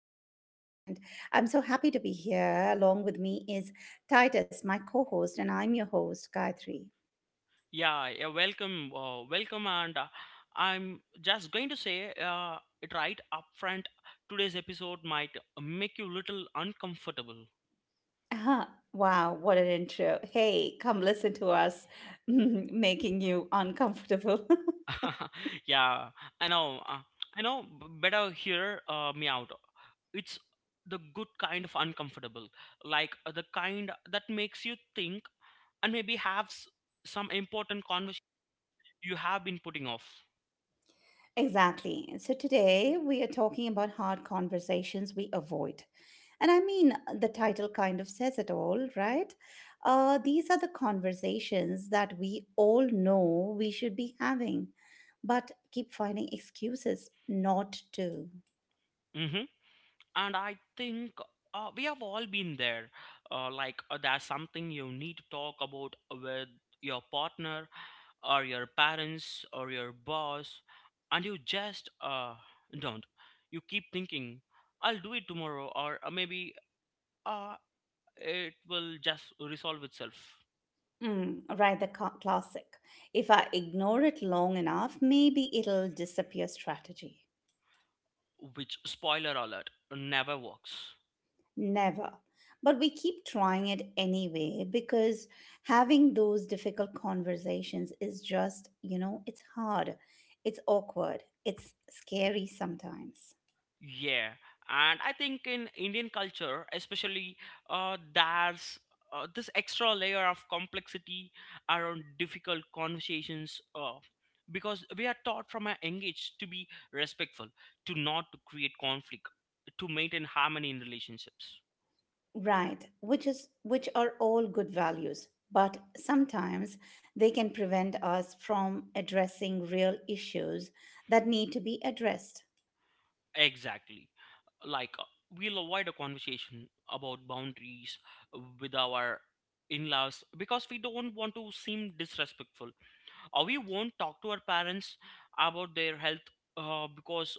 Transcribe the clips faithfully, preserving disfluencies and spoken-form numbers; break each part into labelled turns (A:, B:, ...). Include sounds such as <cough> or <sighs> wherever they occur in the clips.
A: podcast, and I'm so happy to be here. Along with me is Titus, my co host, and I'm your host, Gayatri.
B: Yeah, yeah, welcome, uh, welcome, and uh, I'm just going to say uh, it right up front. Today's episode might make you little uncomfortable.
A: Uh-huh. Wow, what an intro. Hey, come listen to us <laughs> making you uncomfortable.
B: <laughs> yeah, I know, uh, I know. b- Better hear uh, me out. It's the good kind of uncomfortable, like uh, the kind that makes you think and maybe have s- some important conversation you have been putting off.
A: <laughs> exactly. So, today we are talking about hard conversations we avoid. And I mean, uh, the title kind of says it all, right? Uh, these are the conversations that we all know we should be having, but keep finding excuses not to.
B: Mm-hmm. And i think uh, we have all been there, uh, like uh, there's something you need to talk about with your partner or your parents or your boss, and you just, uh, don't. You keep thinking, I'll do it tomorrow or uh, maybe uh, it will just resolve itself,
A: Mm, right, the ca- classic. If I ignore it long enough, maybe it'll disappear strategy.
B: which, spoiler alert, never works.
A: Never. But we keep trying it anyway because having those difficult conversations is just, you know, it's hard. It's awkward. It's scary sometimes.
B: Yeah, and I think in Indian culture, especially, uh, there's uh, this extra layer of complexity around difficult conversations. Uh, because we are taught from a young age to be respectful, to not to create conflict, to maintain harmony in relationships.
A: Right, which is which are all good values, but sometimes they can prevent us from addressing real issues that need to be addressed.
B: Exactly, like uh, we'll avoid a conversation about boundaries with our in-laws because we don't want to seem disrespectful, or we won't talk to our parents about their health, uh, because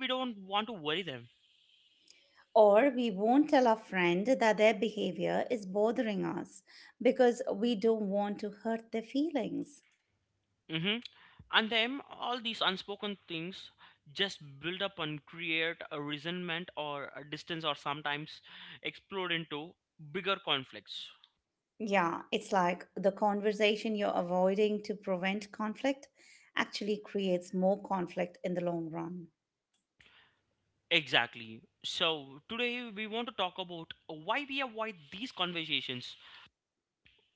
B: we don't want to worry them.
A: Or we won't tell our friend that their behavior is bothering us because we don't want to hurt their feelings.
B: hmm and then all these unspoken things just build up and create a resentment or a distance, or sometimes explode into bigger conflicts.
A: Yeah, it's like the conversation you're avoiding to prevent conflict actually creates more conflict in the long run.
B: Exactly, so today we want to talk about why we avoid these conversations,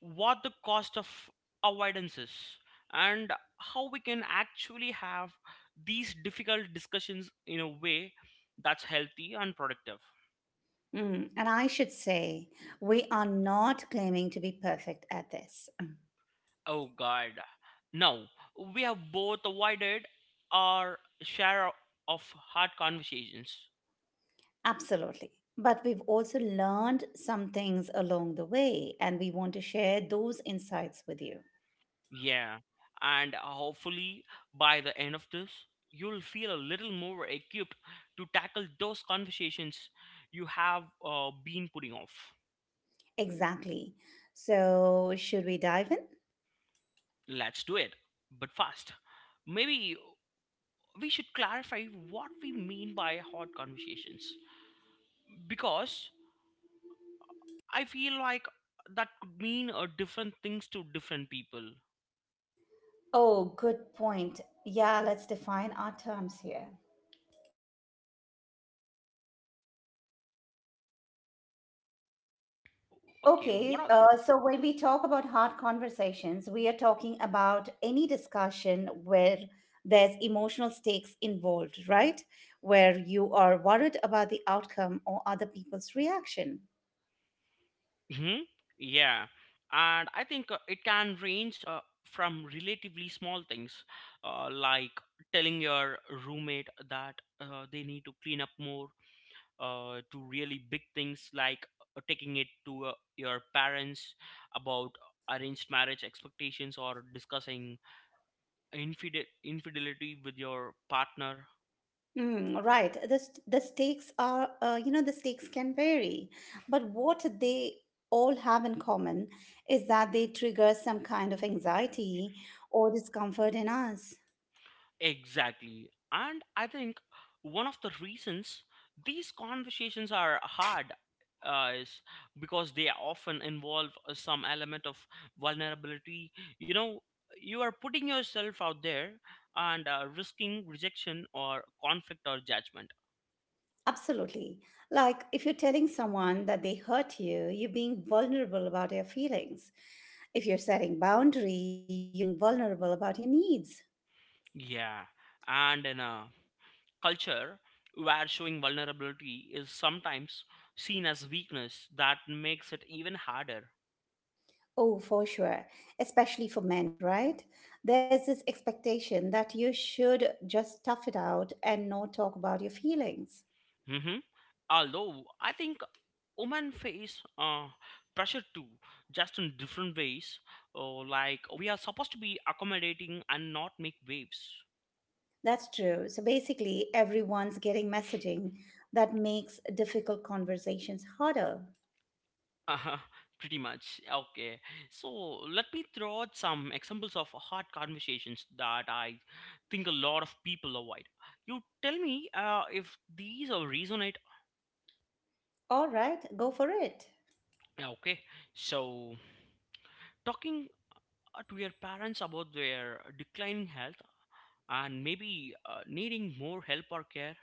B: what the cost of avoidance is, and how we can actually have these difficult discussions in a way that's healthy and productive.
A: Mm, and I should say, we are not claiming to be perfect at this.
B: Oh god. Now, we have both avoided our share of hard conversations.
A: Absolutely. But we've also learned some things along the way, and we want to share those insights with you.
B: Yeah. And hopefully, by the end of this, you'll feel a little more equipped to tackle those conversations you have uh, been putting off.
A: Exactly. So, should we dive in?
B: Let's do it. But fast. Maybe we should clarify what we mean by hot conversations. Because I feel like that could mean uh, different things to different people.
A: Oh, good point. Yeah, let's define our terms here.
B: Okay, what
A: Okay,
B: are.
A: uh, so when we talk about hard conversations, we are talking about any discussion where there's emotional stakes involved, right? Where you are worried about the outcome or other people's reaction.
B: hmm Yeah. And I think uh, it can range uh, from relatively small things, uh, like telling your roommate that uh, they need to clean up more, uh, to really big things, like uh, taking it to uh, your parents about arranged marriage expectations or discussing infide- infidelity with your partner.
A: Mm, right. The, st- the stakes are, uh, you know, the stakes can vary, but what they all have in common is that they trigger some kind of anxiety or discomfort in us.
B: Exactly, and i think one of the reasons these conversations are hard uh, is because they often involve uh, some element of vulnerability. You know, you are putting yourself out there and uh, risking rejection or conflict or judgment.
A: Absolutely. Like if you're telling someone that they hurt you, you're being vulnerable about your feelings. If you're setting boundary, you're being vulnerable about your needs.
B: Yeah, and in a culture where showing vulnerability is sometimes seen as weakness, that makes it even harder.
A: Oh, for sure. Especially for men, right? There's this expectation that you should just tough it out and not talk about your feelings.
B: hmm Although I think women face uh, pressure too, just in different ways. Uh, like we are supposed to be accommodating and not make waves.
A: That's true. So basically, everyone's getting messaging that makes difficult conversations harder.
B: Uh, <laughs> pretty much. Okay. So let me throw out some examples of hard conversations that I think a lot of people avoid. You tell me uh, if these are resonate.
A: All right, go for it.
B: Yeah, okay. So talking uh, to your parents about their declining health and maybe uh, needing more help or care.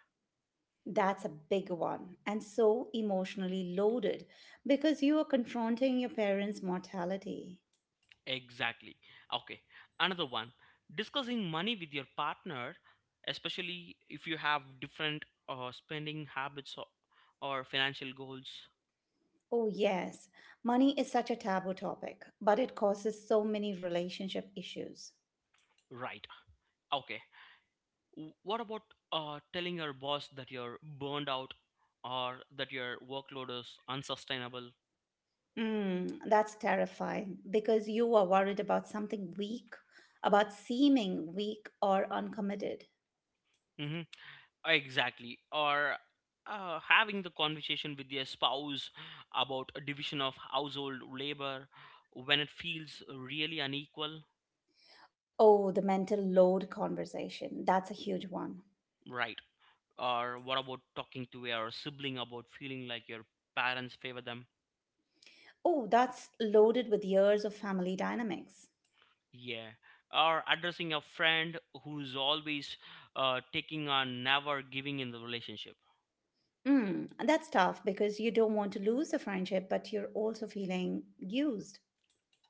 A: That's a big one and so emotionally loaded because you are confronting your parents' mortality.
B: Exactly. Okay. Another one. Discussing money with your partner, especially if you have different uh, spending habits or, or financial goals.
A: Oh, yes, money is such a taboo topic, but it causes so many relationship issues.
B: Right. Okay. W- What about uh, telling your boss that you're burned out or that your workload is unsustainable?
A: Mm, that's terrifying because you are worried about something weak, about seeming weak or uncommitted.
B: hmm Exactly. Or uh, having the conversation with your spouse about a division of household labor when it feels really unequal.
A: Oh, the mental load conversation. That's a huge one.
B: Right. Or what about talking to your sibling about feeling like your parents favor them?
A: Oh, that's loaded with years of family dynamics.
B: Yeah. Or addressing a friend who's always uh, taking on, never giving in the relationship.
A: Mm, that's tough because you don't want to lose the friendship, but you're also feeling used.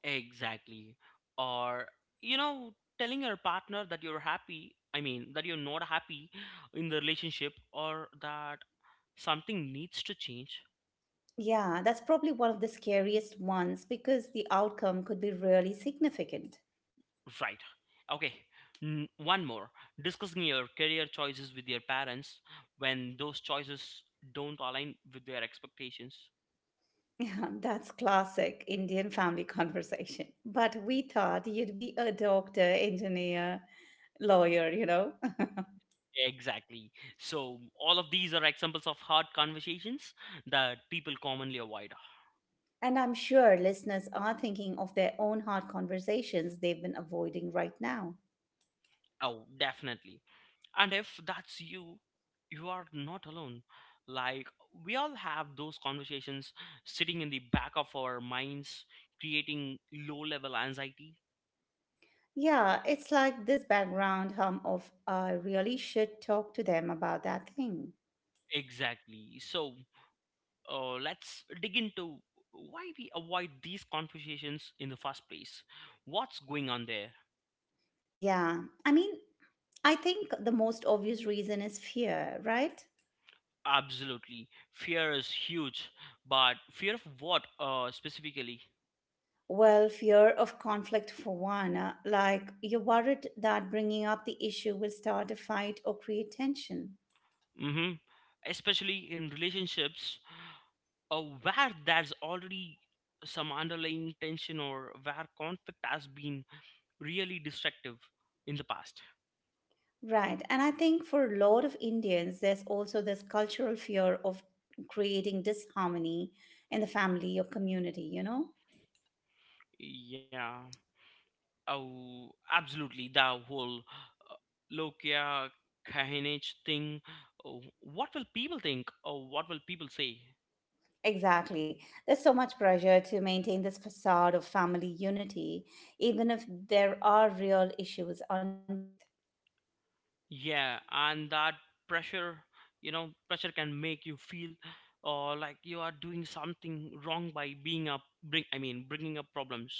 B: Exactly. Or, you know, telling your partner that you're happy, I mean, that you're not happy in the relationship, or that something needs to change.
A: Yeah, that's probably one of the scariest ones because the outcome could be really significant. <laughs>
B: Right. Okay. N- one more. Discussing your career choices with your parents when those choices don't align with their expectations.
A: Yeah, that's classic Indian family <laughs> conversation. But we thought you'd be a doctor, engineer, lawyer, you know? <laughs>
B: Exactly. So, all of these are examples of hard conversations that people commonly avoid.
A: And I'm sure listeners are thinking of their own hard conversations they've been avoiding right now.
B: Oh, definitely. And if that's you, you are not alone. Like, we all have those conversations sitting in the back of our minds, creating low level anxiety.
A: Yeah, it's like this background hum of I really should talk to them about that thing.
B: Exactly. So, uh, let's dig into why we avoid these conversations in the first place. What's going on there?
A: Yeah, I mean, I think the most obvious reason is fear, right?
B: Absolutely. Fear is huge, but fear of what uh, specifically?
A: Well, fear of conflict for one. uh, Like, you're worried that bringing up the issue will start a fight or create tension.
B: hmm Especially in relationships uh, where there's already some underlying tension, or where conflict has been really destructive in the past.
A: Right. And I think for a lot of Indians, there's also this cultural fear of creating disharmony in the family or community, you know?
B: Yeah. Oh, absolutely. The whole uh, Lokia Kahinage thing. Oh, what will people think? Or what will people say?
A: Exactly. There's so much pressure to maintain this facade of family unity, even if there are real issues underneath.
B: Yeah, and that pressure, you know, pressure can make you feel or like you are doing something wrong by being up, bring, I mean, bringing up problems.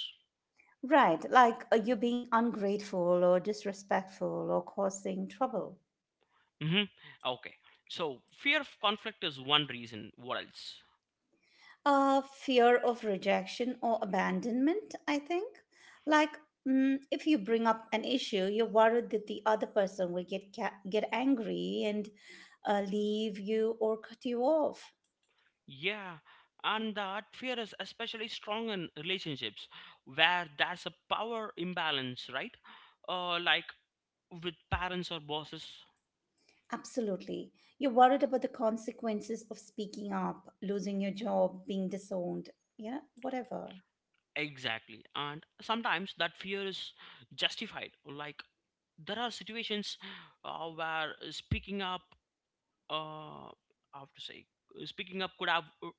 A: Right, like uh, you being ungrateful or disrespectful or causing trouble.
B: Mm-hmm. Okay. So fear of conflict is one reason. What else?
A: Uh, fear of rejection or abandonment, I think. Like, mm, if you bring up an issue, you're worried that the other person will get ca- get angry and uh, leave you or cut you off.
B: Yeah, and that fear is especially strong in relationships where there's a power imbalance, right? Uh, like with parents or bosses.
A: Absolutely. You're worried about the consequences of speaking up, losing your job, being disowned, yeah, whatever.
B: Exactly. And sometimes that fear is justified. Like there are situations uh, where speaking up, uh, I have to say, speaking up could have uh,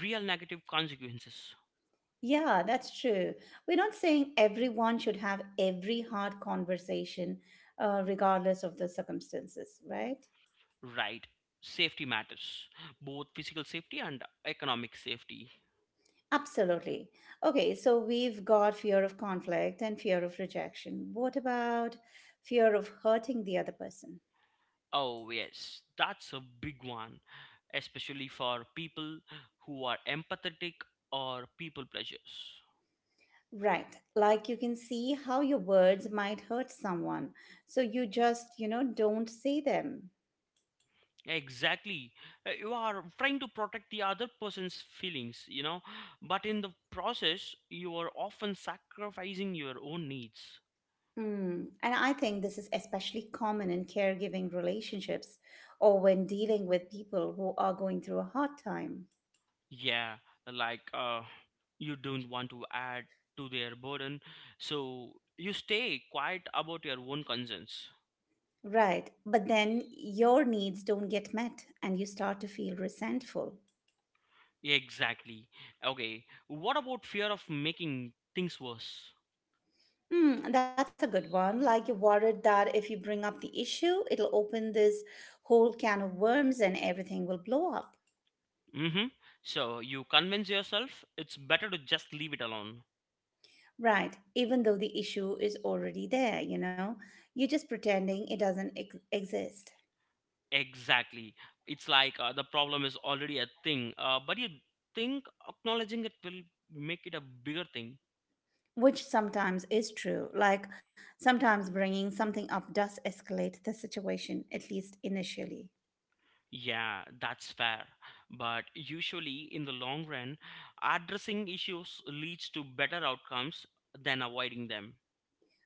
B: real negative consequences,
A: Yeah, that's true. We're not saying everyone should have every hard conversation, uh, regardless of the circumstances, right?
B: right? Safety matters, both physical safety and economic safety.
A: Absolutely. Okay, so we've got fear of conflict and fear of rejection. What about fear of hurting the other person?
B: Oh, yes, that's a big one, especially for people who are empathetic or people pleasers.
A: Right. Like you can see how your words might hurt someone. So you just, you know, don't say them.
B: Exactly. Uh, You are trying to protect the other person's feelings, you know, but in the process, you are often sacrificing your own needs.
A: Mm. And I think this is especially common in caregiving relationships or when dealing with people who are going through a hard time.
B: Yeah, like uh, you don't want to add to their burden, so you stay quiet about your own concerns.
A: Right. But then your needs don't get met and you start to feel resentful.
B: Exactly. Okay. What about fear of making things worse?
A: Mm, that's a good one. Like you're worried that if you bring up the issue, it'll open this whole can of worms and everything will blow up.
B: Mm-hmm. So you convince yourself it's better to just leave it alone.
A: Right, even though the issue is already there, you know, you're just pretending it doesn't ex- exist,
B: Exactly. It's like uh, the problem is already a thing, uh, but you think acknowledging it will make it a bigger thing.
A: which sometimes is true. Like sometimes bringing something up does escalate the situation, at least initially.
B: Yeah, that's fair. But usually, in the long run, addressing issues leads to better outcomes than avoiding them.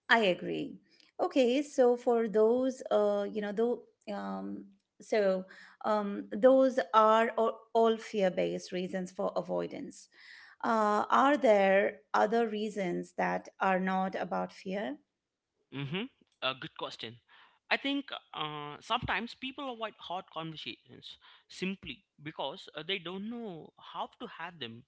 A: I agree. Okay, so for those, uh, you know, though, um, so um, those are all, all fear-based reasons for avoidance. Uh, are there other reasons that are not about fear?
B: Mm-hmm. A good question. I think uh, sometimes people avoid hard conversations simply because uh, they don't know how to have them.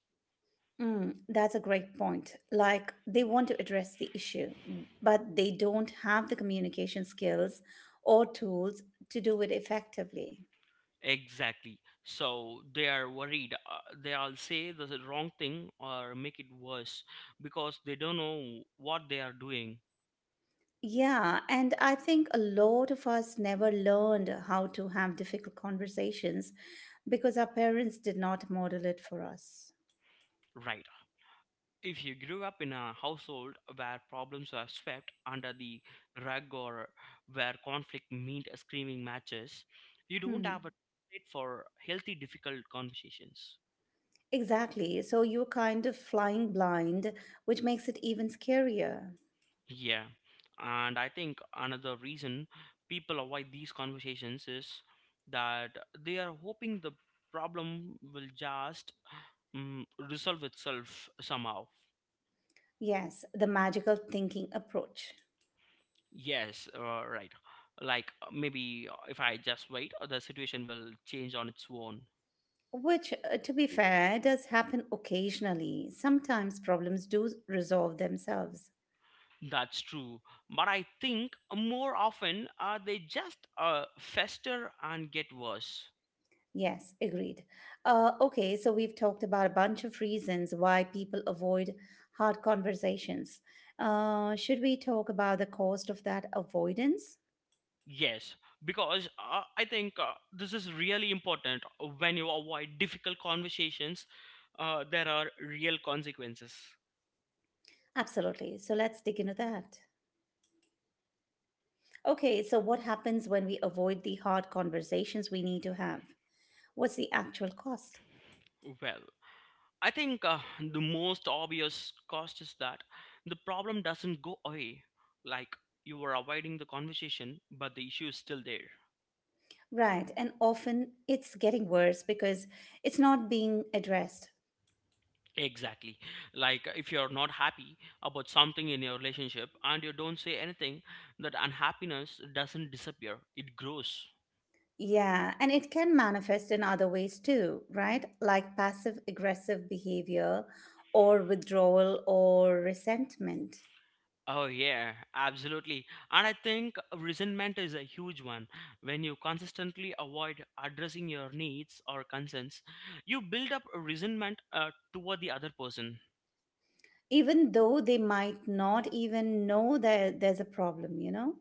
A: Mm, that's a great point. Like, they want to address the issue, but they don't have the communication skills or tools to do it effectively.
B: Exactly. So they are worried. Uh, they'll say the wrong thing or make it worse because they don't know what they are doing.
A: Yeah, and I think a lot of us never learned how to have difficult conversations because our parents did not model it for us.
B: Right. If you grew up in a household where problems were swept under the rug, or where conflict meant screaming matches, you don't
A: Hmm.
B: have a plate for healthy, difficult conversations.
A: Exactly. So you're kind of flying blind, which makes it even scarier.
B: Yeah, and I think another reason people avoid these conversations is that they are hoping the problem will just mm resolve itself somehow.
A: Yes, the magical thinking approach.
B: Yes, uh, right. Like uh, maybe uh, if I just wait, uh, the situation will change on its own.
A: Which, uh, to be fair, does happen occasionally. Sometimes problems do resolve themselves.
B: That's true. But I think more often uh, they just uh, fester and get worse.
A: Yes, agreed. Uh, okay, so we've talked about a bunch of reasons why people avoid hard conversations. Uh, should we talk about the cost of that avoidance?
B: Yes, because uh, I think uh, this is really important. When you avoid difficult conversations, uh, there are real consequences.
A: Absolutely. So let's dig into that. Okay, so what happens when we avoid the hard conversations we need to have? What's the actual cost?
B: Well, I think uh, the most obvious cost is that the problem doesn't go away. Like, you are avoiding the conversation, but the issue is still there.
A: Right. And often it's getting worse because it's not being addressed.
B: Exactly. Like if you're not happy about something in your relationship and you don't say anything, that unhappiness doesn't disappear, it grows.
A: Yeah. And it can manifest in other ways too, right? Like passive aggressive behavior or withdrawal or resentment,
B: Oh yeah, absolutely. And I think resentment is a huge one. When you consistently avoid addressing your needs or concerns, you build up a resentment uh, toward the other person.
A: even though they might not even know that there's a problem, you know?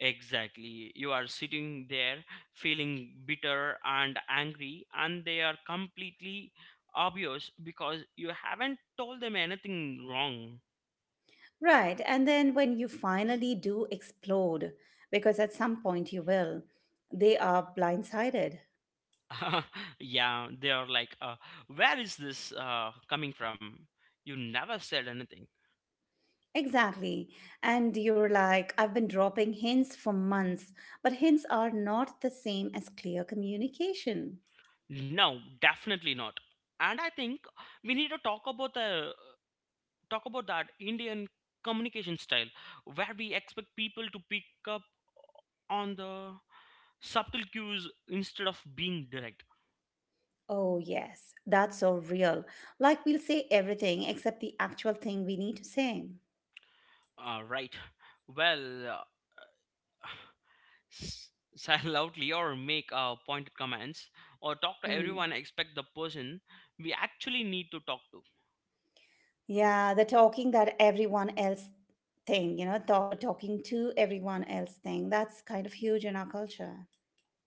B: Exactly. You are sitting there feeling bitter and angry, and they are completely obvious because you haven't told them anything wrong.
A: Right. And then when you finally do explode, because at some point you will, they are blindsided.
B: <laughs> yeah, they are like, uh, where is this uh, coming from? You never said anything.
A: Exactly. And you're like, I've been dropping hints for months, but hints are not the same as clear communication.
B: No, definitely not. And I think we need to talk about the talk about that Indian communication style where we expect people to pick up on the subtle cues instead of being direct.
A: Oh, yes, that's so real. Like, we'll say everything except the actual thing we need to say.
B: Uh, right. Well, uh, <sighs> s- <laughs> sigh loudly or make uh, pointed comments or talk to
A: Mm.
B: everyone expect the person we actually need to talk to.
A: Yeah, the talking that everyone else thing, you know, th- talking to everyone else thing, that's kind of huge in our culture.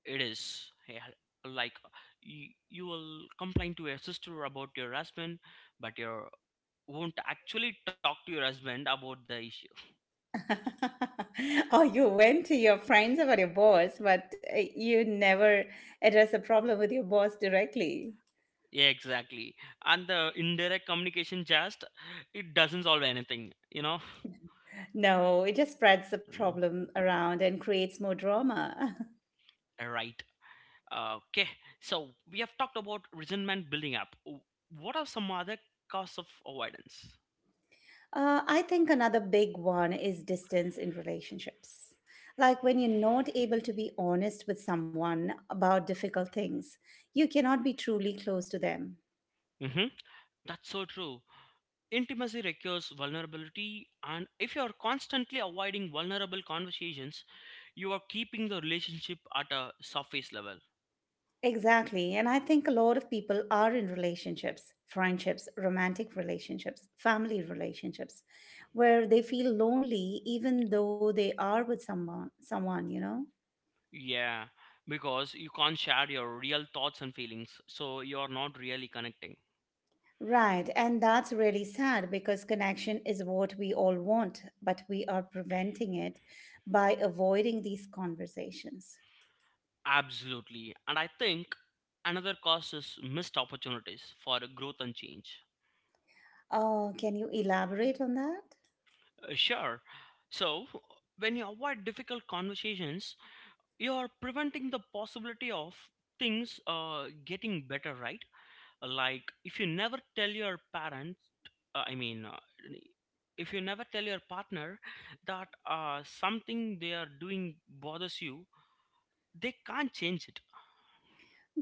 B: It is, yeah, like you, you will complain to your sister about your husband, but you won't actually talk to your husband about the issue.
A: <laughs> oh, you went to your friends about your boss, but uh, you never address the problem with your boss directly.
B: Yeah, exactly. And the indirect communication just, it doesn't solve anything, you know.
A: No, it just spreads the
B: Mm,
A: problem around and creates more drama. <laughs>
B: right. Okay. So we have talked about resentment building up. W- What are some other causes of avoidance?
A: Uh, I think another big one is distance in relationships. Like when you're not able to be honest with someone about difficult things, you cannot be truly close to them.
B: Mm-hmm. That's so true. Intimacy requires vulnerability, and if you are constantly avoiding vulnerable conversations, you are keeping the relationship at a surface level.
A: Exactly. And I think a lot of people are in relationships, friendships, romantic relationships, family relationships, where they feel lonely even though they are with someone someone, you know?
B: Yeah, because you can't share your real thoughts and feelings, so you are not really connecting.
A: Right. And that's really sad because connection is what we all want, but we are preventing it by avoiding these conversations.
B: Absolutely. And I think another cause is missed opportunities for growth and change.
A: Oh, can you elaborate on that?
B: Uh, Sure. So, when you avoid difficult conversations, you are preventing the possibility of things uh, getting better, right? Like if you never tell your parents uh, i mean uh, if you never tell your partner that uh, something they are doing bothers you, they can't change it.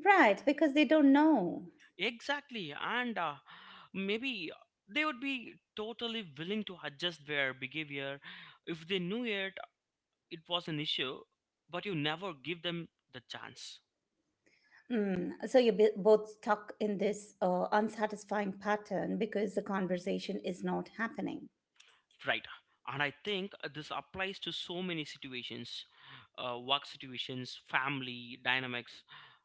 A: Right, because they don't know.
B: Exactly, and uh, maybe they would be totally willing to adjust their behavior if they knew it it was an issue, but you never give them the chance.
A: Mm. So you b- both stuck in this uh, unsatisfying pattern because the conversation is not happening.
B: Right. And I think uh, this applies to so many situations, uh, work situations, family dynamics,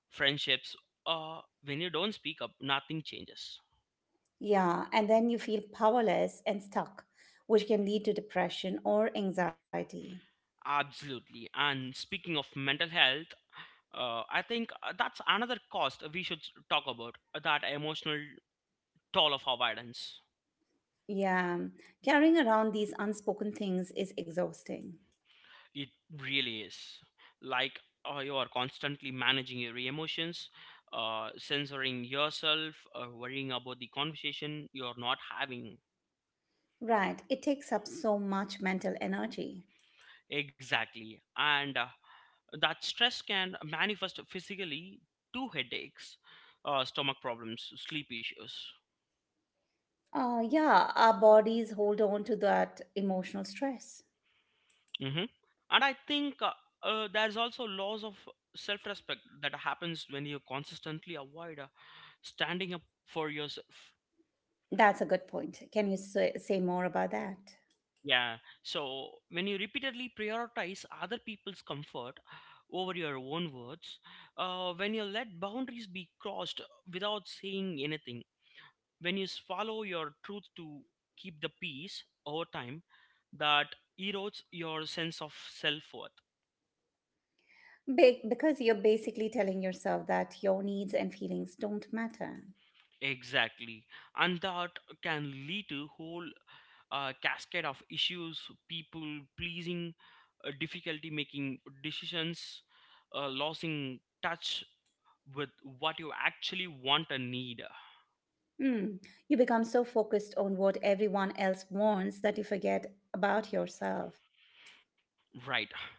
B: friendships. Uh, when you don't speak up, nothing changes.
A: Yeah, and then you feel powerless and stuck, which can lead to depression or anxiety.
B: Absolutely. And speaking of mental health, uh, I think uh, that's another cost we should talk about, uh, that emotional toll of avoidance.
A: Yeah, carrying around these unspoken things is exhausting.
B: It really is. Like uh, you are constantly managing your emotions, uh, censoring yourself, uh, worrying about the conversation you are not having.
A: Right, it takes up so much mental energy.
B: Exactly. And uh, that stress can manifest physically to headaches, uh, stomach problems, sleep issues.
A: Uh, yeah, our bodies hold on to that emotional stress.
B: hmm And I think uh, uh, there's also loss of self respect that happens when you consistently avoid uh, standing up for yourself.
A: That's a good point. Can you say, say more about that?
B: Yeah. So when you repeatedly prioritize other people's comfort over your own words, uh, when you let boundaries be crossed without saying anything, when you swallow your truth to keep the peace over time, that erodes your sense of self worth.
A: Ba- because you're basically telling yourself that your needs and feelings don't matter.
B: Exactly. And that can lead to whole uh, cascade of issues, people pleasing, uh, difficulty making decisions, uh, losing touch with what you actually want and need.
A: Mm. You become so focused on what everyone else wants that you forget about yourself.
B: Right.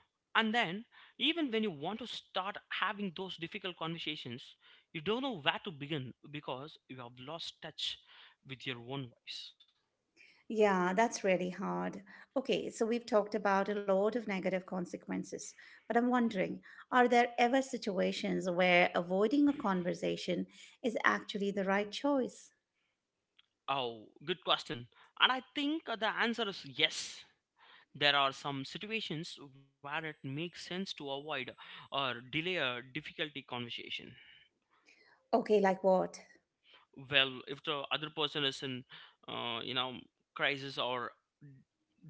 B: And then, even when you want to start having those difficult conversations, you don't know where to begin because you have lost touch with your own voice.
A: Yeah, that's really hard. Okay, so we've talked about a lot of negative consequences, but I'm wondering, are there ever situations where avoiding a conversation is actually the right choice?
B: Oh, good question. And I think the answer is yes. There are some situations where it makes sense to avoid or delay a difficulty conversation.
A: Okay, like what?
B: Well, if the other person is in, uh, you know, crisis or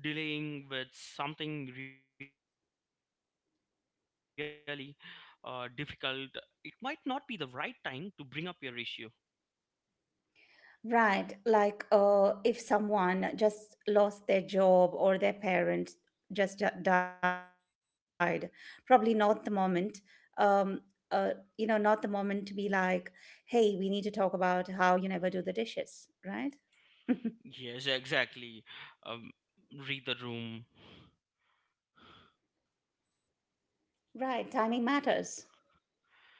B: dealing with something really uh, difficult, it might not be the right time to bring up your issue.
A: Right. Like uh, if someone just lost their job or their parent just di- died, probably not the moment. Um, uh, you know, Not the moment to be like, hey, we need to talk about how you never do the dishes, right? <laughs>
B: Yes, exactly. Um, Read the room.
A: Right, timing matters.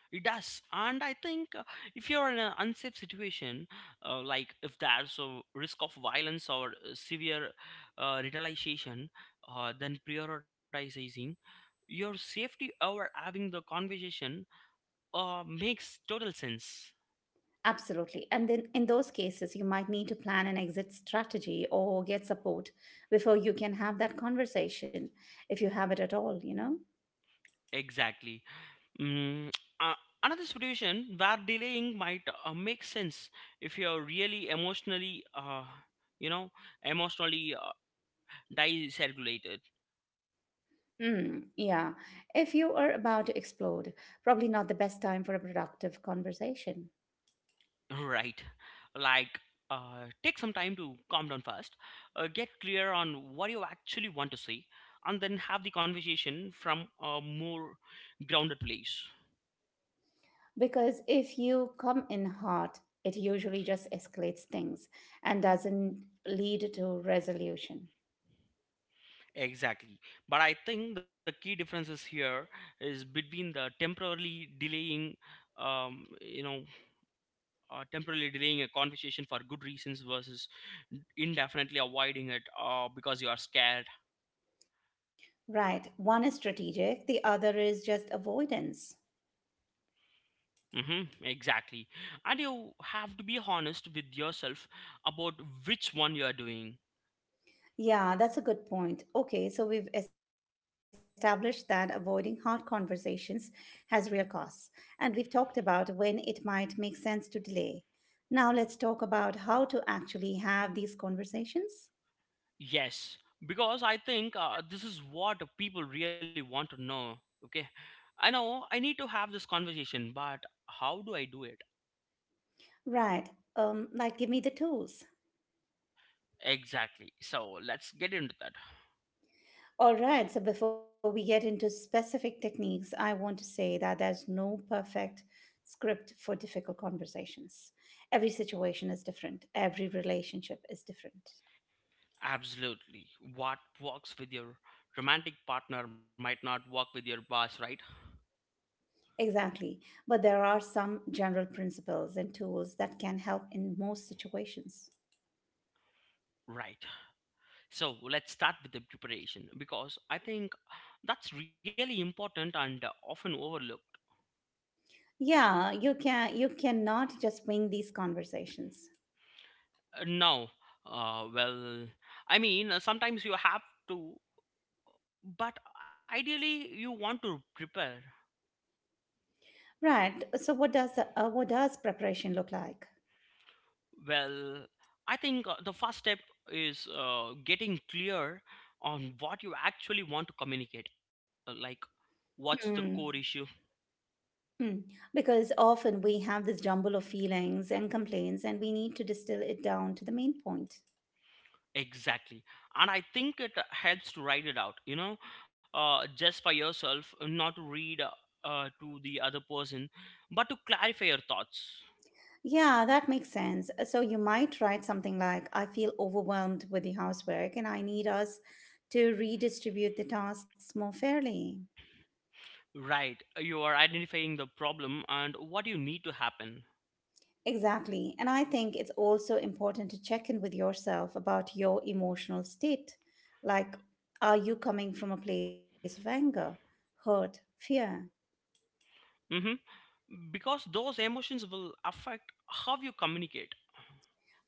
B: It does, and I think uh, if you're in an unsafe situation, uh, like if there's a risk of violence or uh, severe uh, retaliation, uh, then prioritizing your safety over having the conversation uh, makes total sense.
A: Absolutely. And then in those cases, you might need to plan an exit strategy or get support before you can have that conversation, if you have it at all, you know?
B: Exactly. Mm, uh, Another situation where delaying might uh, make sense if you're really emotionally, uh, you know, emotionally uh, dysregulated.
A: Mm, yeah. If you are about to explode, probably not the best time for a productive conversation.
B: Right. Like, uh, take some time to calm down first, uh, get clear on what you actually want to say, and then have the conversation from a more grounded place.
A: Because if you come in hot, it usually just escalates things and doesn't lead to resolution.
B: Exactly. But I think the key differences here is between the temporarily delaying, um, you know, uh, temporarily delaying a conversation for good reasons versus indefinitely avoiding it uh, because you are scared.
A: Right. One is strategic, the other is just avoidance.
B: Mm-hmm, exactly. And you have to be honest with yourself about which one you are doing.
A: Yeah, that's a good point. Okay, so we've established that avoiding hard conversations has real costs, and we've talked about when it might make sense to delay. Now let's talk about how to actually have these conversations.
B: Yes, because I think uh, this is what people really want to know. Okay, I know I need to have this conversation, but how do I do it?
A: Right, um, like give me the tools.
B: Exactly. So let's get into that.
A: All right, so before we get into specific techniques, I want to say that there's no perfect script for difficult conversations. Every situation is different, every relationship is different.
B: Absolutely. What works with your romantic partner might not work with your boss, right?
A: Exactly. But there are some general principles and tools that can help in most situations.
B: Right. So let's start with the preparation because I think that's really important and uh, often overlooked.
A: Yeah, you can you cannot just wing these conversations.
B: Uh, Now, uh, well, I mean, uh, sometimes you have to, but ideally you want to prepare.
A: Right. So what does uh, what does preparation look like?
B: Well, I think uh, the first step is uh, getting clear on what you actually want to communicate, uh, like what's the
A: Mm.
B: core issue?
A: Mm. Because often we have this jumble of feelings and complaints and we need to distill it down to the main point.
B: Exactly. And I think it helps to write it out, you know, uh, just for yourself, not to read uh, uh, to the other person, but to clarify your thoughts.
A: Yeah, that makes sense. Uh, So you might write something like, I feel overwhelmed with the housework and I need us to redistribute the tasks more fairly.
B: Right. You are identifying the problem and what you need to happen.
A: Exactly. And I think it's also important to check in with yourself about your emotional state. Like, are you coming from a place of anger, hurt, fear?
B: hmm Because those emotions will affect how you communicate.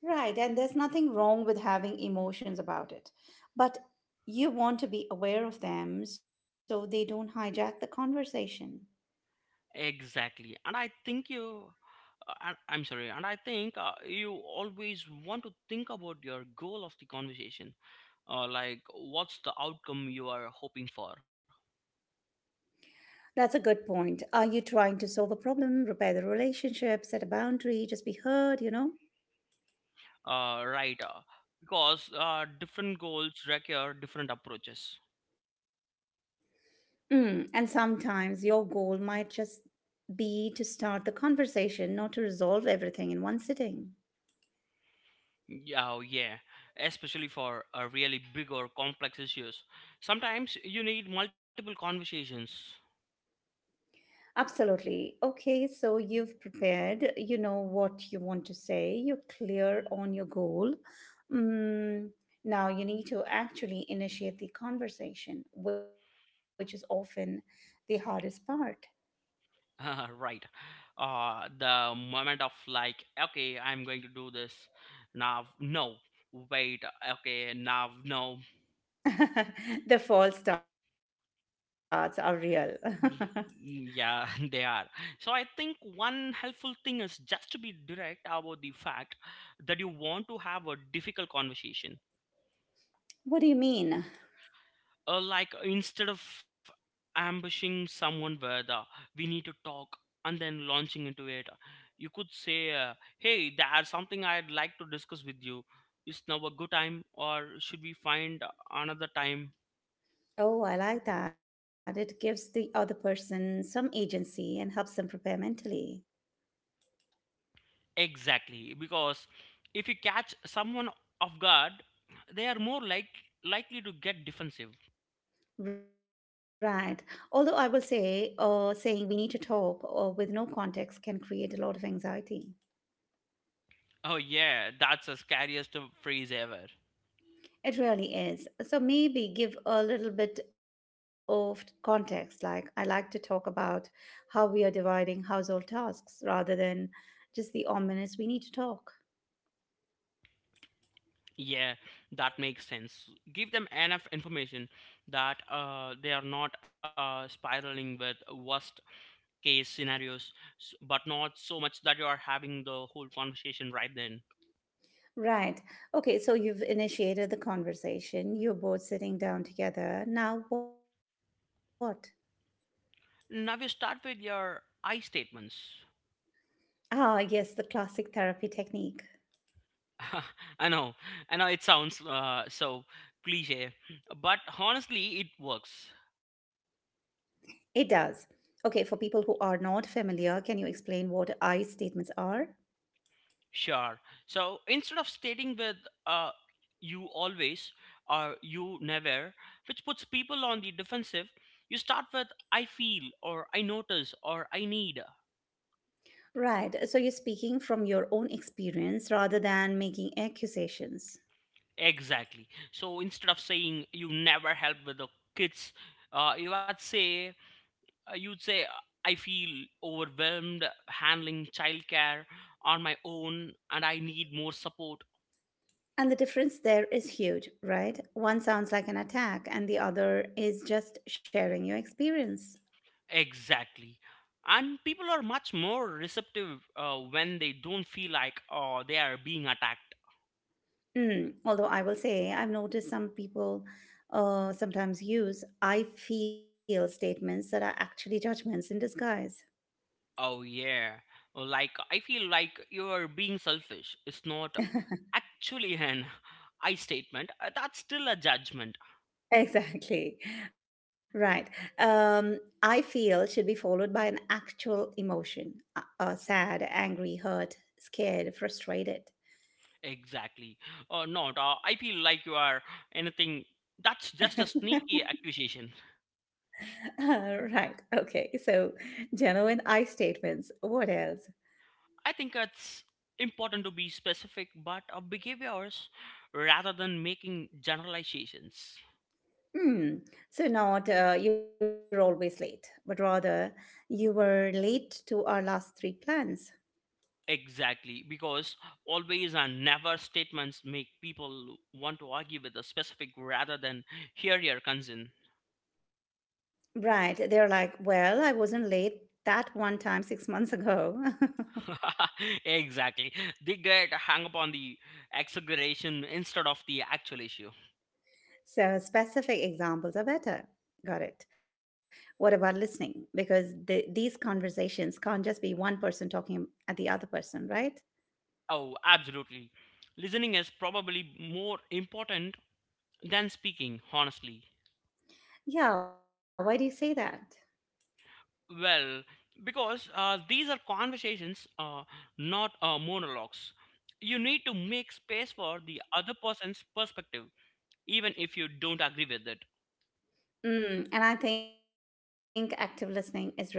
A: Right. And there's nothing wrong with having emotions about it. But you want to be aware of them so they don't hijack the conversation.
B: Exactly. And I think you. Uh, and- I'm sorry, and I think uh, you always want to think about your goal of the conversation, uh, like what's the outcome you are hoping for.
A: That's a good point. Are you trying to solve a problem, repair the relationship, set a boundary, just be heard, you know?
B: Uh, right, uh, because uh, different goals require different approaches.
A: Mm, and sometimes your goal might just be to start the conversation, not to resolve everything in one sitting.
B: Yeah. Oh, yeah, especially for uh, really big or complex issues, sometimes you need multiple conversations.
A: Absolutely. Okay, so you've prepared, you know what you want to say, you're clear on your goal. Mm, now you need to actually initiate the conversation, which is often the hardest part.
B: <laughs> Right. Uh the moment of, like, okay, I'm going to do this. Now, no, wait. Okay, now, no.
A: <laughs> The false starts are real.
B: Y- Yeah, <laughs> they are. So I think one helpful thing is just to be direct about the fact that you want to have a difficult conversation.
A: <laughs> What do you mean?
B: Uh, like instead of ambushing someone with, uh, we need to talk, and then launching into it, uh, you could say, uh, "Hey, there's something I'd like to discuss with you. Is now a good time, or should we find another time?"
A: Oh, I like that. It gives the other person some agency and helps them prepare mentally.
B: Exactly, because if you catch someone off guard, they are more like likely to get defensive.
A: Right. Although I will say, uh, saying we need to talk or with no context can create a lot of anxiety.
B: Oh, yeah, that's the scariest phrase ever.
A: It really is. So maybe give a little bit of context. Like, I like to talk about how we are dividing household tasks rather than just the ominous we need to talk.
B: Yeah, that makes sense. Give them enough information that uh, they are not uh, spiraling with worst case scenarios, s- but not so much that you are having the whole conversation right then.
A: Right. Okay, so you've initiated the conversation. You're both sitting down together. Now what?
B: Now you start with your I statements.
A: Ah, yes, the classic therapy technique.
B: <laughs> I know, I know it sounds uh, so cliche, but honestly, it works.
A: It does. Okay, for people who are not familiar, can you explain what I statements are?
B: Sure. So instead of stating with uh, you always or you never, which puts people on the defensive, you start with I feel or I notice or I need.
A: Right. So you're speaking from your own experience rather than making accusations.
B: Exactly. So instead of saying you never help with the kids, uh, you would say uh, you'd say, uh, I feel overwhelmed handling childcare on my own and I need more support.
A: And the difference there is huge, right? One sounds like an attack, and the other is just sharing your experience.
B: Exactly. And people are much more receptive uh, when they don't feel like oh they are being attacked.
A: Mm, although I will say, I've noticed some people uh, sometimes use I feel statements that are actually judgments in disguise. <laughs>
B: Oh, yeah. Oh, like I feel like you are being selfish. It's not actually <laughs> an I statement. Uh, That's still a judgment.
A: Exactly. Right. Um, I feel should be followed by an actual emotion uh, uh, sad, angry, hurt, scared, frustrated.
B: Exactly. Or not. Uh, I feel like you are anything. That's just a sneaky accusation.
A: <laughs> Right. Okay. So, genuine I statements. What else?
B: I think it's important to be specific, but of behaviors rather than making generalizations.
A: Hmm. So not uh, you're always late, but rather you were late to our last three plans.
B: Exactly, because always and never statements make people want to argue with a specific rather than hear your concern.
A: Right. They're like, well, I wasn't late that one time six months ago.
B: <laughs> Exactly. They get hung up on the exaggeration instead of the actual issue.
A: <laughs> So specific examples are better. Got it. What about listening? Because the, these conversations can't just be one person talking at the other person, right?
B: Oh, absolutely. Listening is probably more important than speaking, honestly.
A: Yeah. Why do you say that?
B: Well, because uh, these are conversations, uh, not uh, monologues. You need to make space for the other person's perspective, even if you don't agree with it.
A: Mm, and I think active listening is really key here.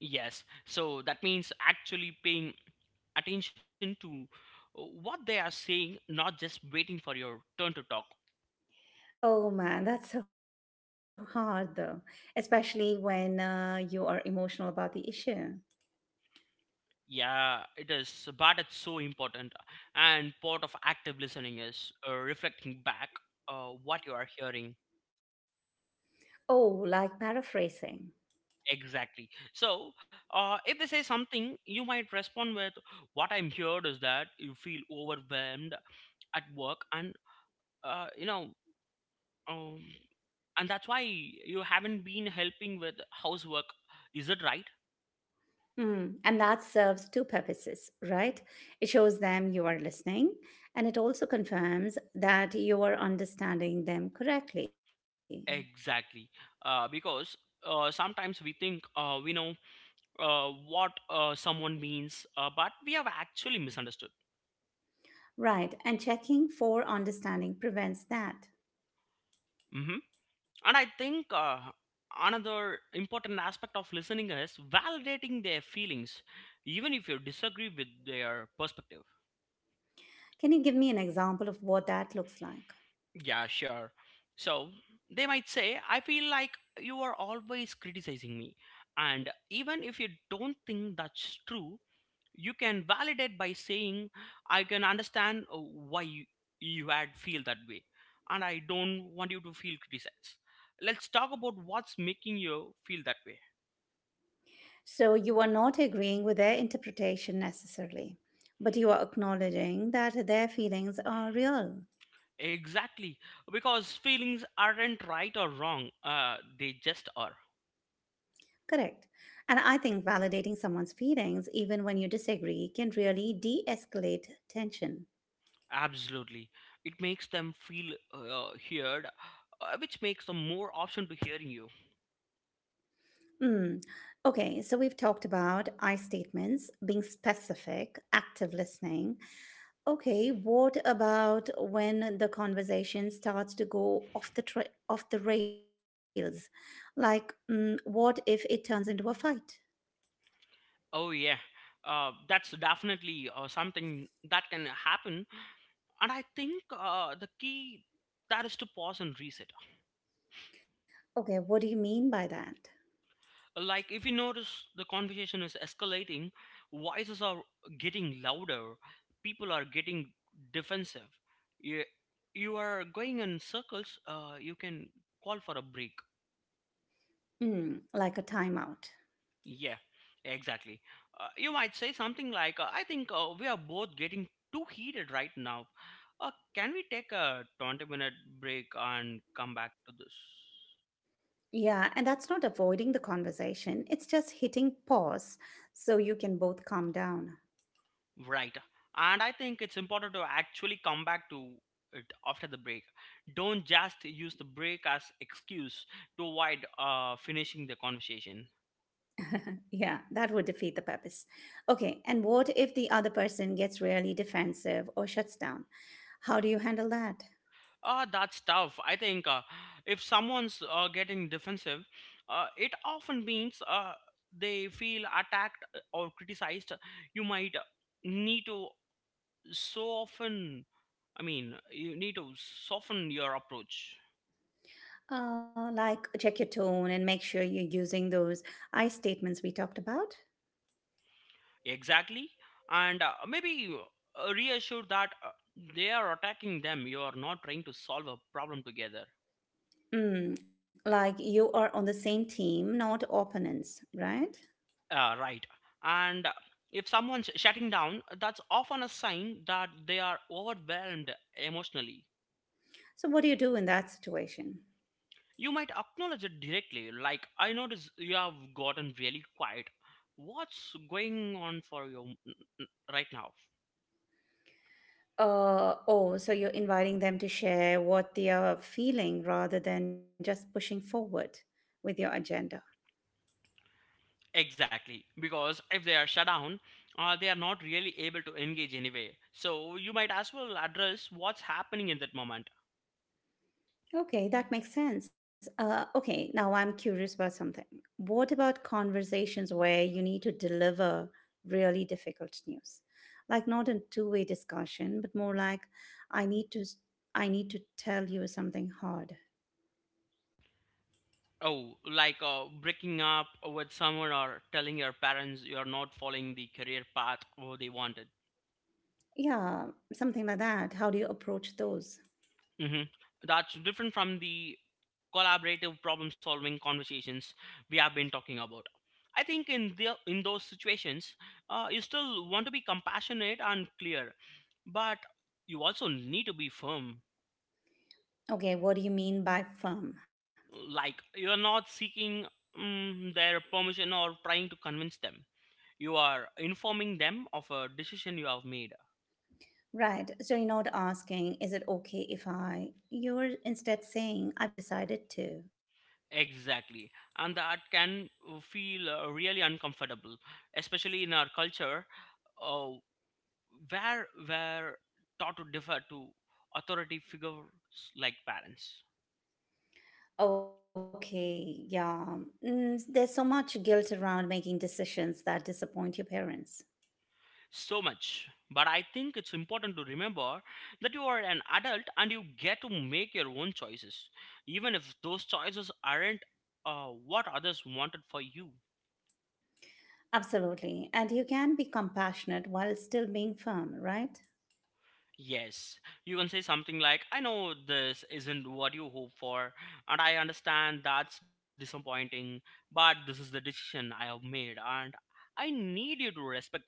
B: Yes, so that means actually paying attention to uh, what they are saying, not just waiting for your turn to talk.
A: Oh man, that's so hard though, especially when uh, you are emotional about the issue.
B: Yeah, it is, but it's so important. And part of active listening is uh, reflecting back uh, what you are hearing.
A: Oh, like paraphrasing.
B: Exactly. So, uh, if they say something, you might respond with, "What I'm heard is that you feel overwhelmed at work, and uh, you know, um, and that's why you haven't been helping with housework. Is it right?"
A: Mm. And that serves two purposes, right? It shows them you are listening, and it also confirms that you are understanding them correctly.
B: Exactly. Uh, because uh, sometimes we think uh, we know uh, what uh, someone means, uh, but we have actually misunderstood.
A: Right, and checking for understanding prevents that.
B: Mhm. And I think uh, another important aspect of listening is validating their feelings, even if you disagree with their perspective.
A: Can you give me an example of what that looks like?
B: Yeah, sure. So they might say, I feel like you are always criticizing me. And even if you don't think that's true, you can validate by saying, I can understand uh, why you, you had feel that way. And I don't want you to feel criticized. Let's talk about what's making you feel that way.
A: So you are not agreeing with their interpretation necessarily, but you are acknowledging that their feelings are real.
B: Exactly, because feelings aren't right or wrong, uh, they just are.
A: Correct. And I think validating someone's feelings, even when you disagree, can really de escalate tension.
B: Absolutely. It makes them feel uh, heard, uh, which makes them more option to hearing you.
A: Mm. Okay, so we've talked about I statements, being specific, active listening. Okay, what about when the conversation starts to go off the tra- off the rails? Like, mm, what if it turns into a fight?
B: Oh, yeah, uh, that's definitely uh, something that can happen. And I think uh, the key that is to pause and reset.
A: Okay, what do you mean by that?
B: Like if you notice the conversation is escalating, voices are getting louder, people are getting defensive, you, you are going in circles, uh, you can call for a break.
A: Mm, like a timeout.
B: Yeah, exactly. Uh, you might say something like, uh, I think uh, we are both getting too heated right now. Uh, can we take a twenty minute break and come back to this?
A: Yeah, and that's not avoiding the conversation, it's just hitting pause so you can both calm down.
B: Right. And I think it's important to actually come back to it after the break. Don't just use the break as excuse to avoid uh, finishing the conversation.
A: Yeah, that would defeat the purpose. Okay, and what if the other person gets really defensive or shuts down? How do you handle that?
B: Uh, that's tough. I think uh, if someone's uh, getting defensive, uh, it often means uh, they feel attacked uh, or criticized. You might need to so often, I mean, you need to soften your approach.
A: Uh, like check your tone and make sure you're using those I statements we talked about.
B: Exactly. And uh, maybe uh, reassured that uh, they are attacking them. You are not trying to solve a problem together.
A: Mm, like you are on the same team, not opponents, right?
B: Uh, right. And uh, if someone's shutting down, that's often a sign that they are overwhelmed emotionally.
A: So what do you do in that situation?
B: You might acknowledge it directly, like, I notice you have gotten really quiet. What's going on for you mm, mm, right now?
A: Uh, oh, so you're inviting them to share what they are feeling rather than just pushing forward with your agenda.
B: Exactly, because if they are shut down, uh, they are not really able to engage anyway. So you might as well address what's happening in that moment.
A: Okay, that makes sense. Uh, okay, now I'm curious about something. What about conversations where you need to deliver really difficult news? Like not a two-way discussion, but more like I need to s- I need to tell you something hard.
B: Oh, like uh, breaking up with someone or telling your parents you are not following the career path or they wanted.
A: Yeah, something like that. How do you approach those?
B: hmm That's different from the collaborative problem solving conversations we have been talking about. I think in the in those situations, uh, you still want to be compassionate and clear, but you also need to be firm.
A: Okay, what do you mean by firm?
B: Like you're not seeking mm, their permission or trying to convince them. You are informing them of a decision you have made.
A: Right. So you're not asking, is it okay if I? You're instead saying, I've decided to.
B: Exactly, and that can feel uh, really uncomfortable, especially in our culture uh, where were taught to defer to authority figures like parents.
A: Okay, yeah. Mm, there's so much guilt around making decisions that disappoint your parents.
B: So much. But I think it's important to remember that you are an adult and you get to make your own choices, even if those choices aren't uh, what others wanted for you.
A: Absolutely. And you can be compassionate while still being firm, right?
B: Yes, you can say something like, I know this isn't what you hope for, and I understand that's disappointing, but this is the decision I have made, and I need you to respect it.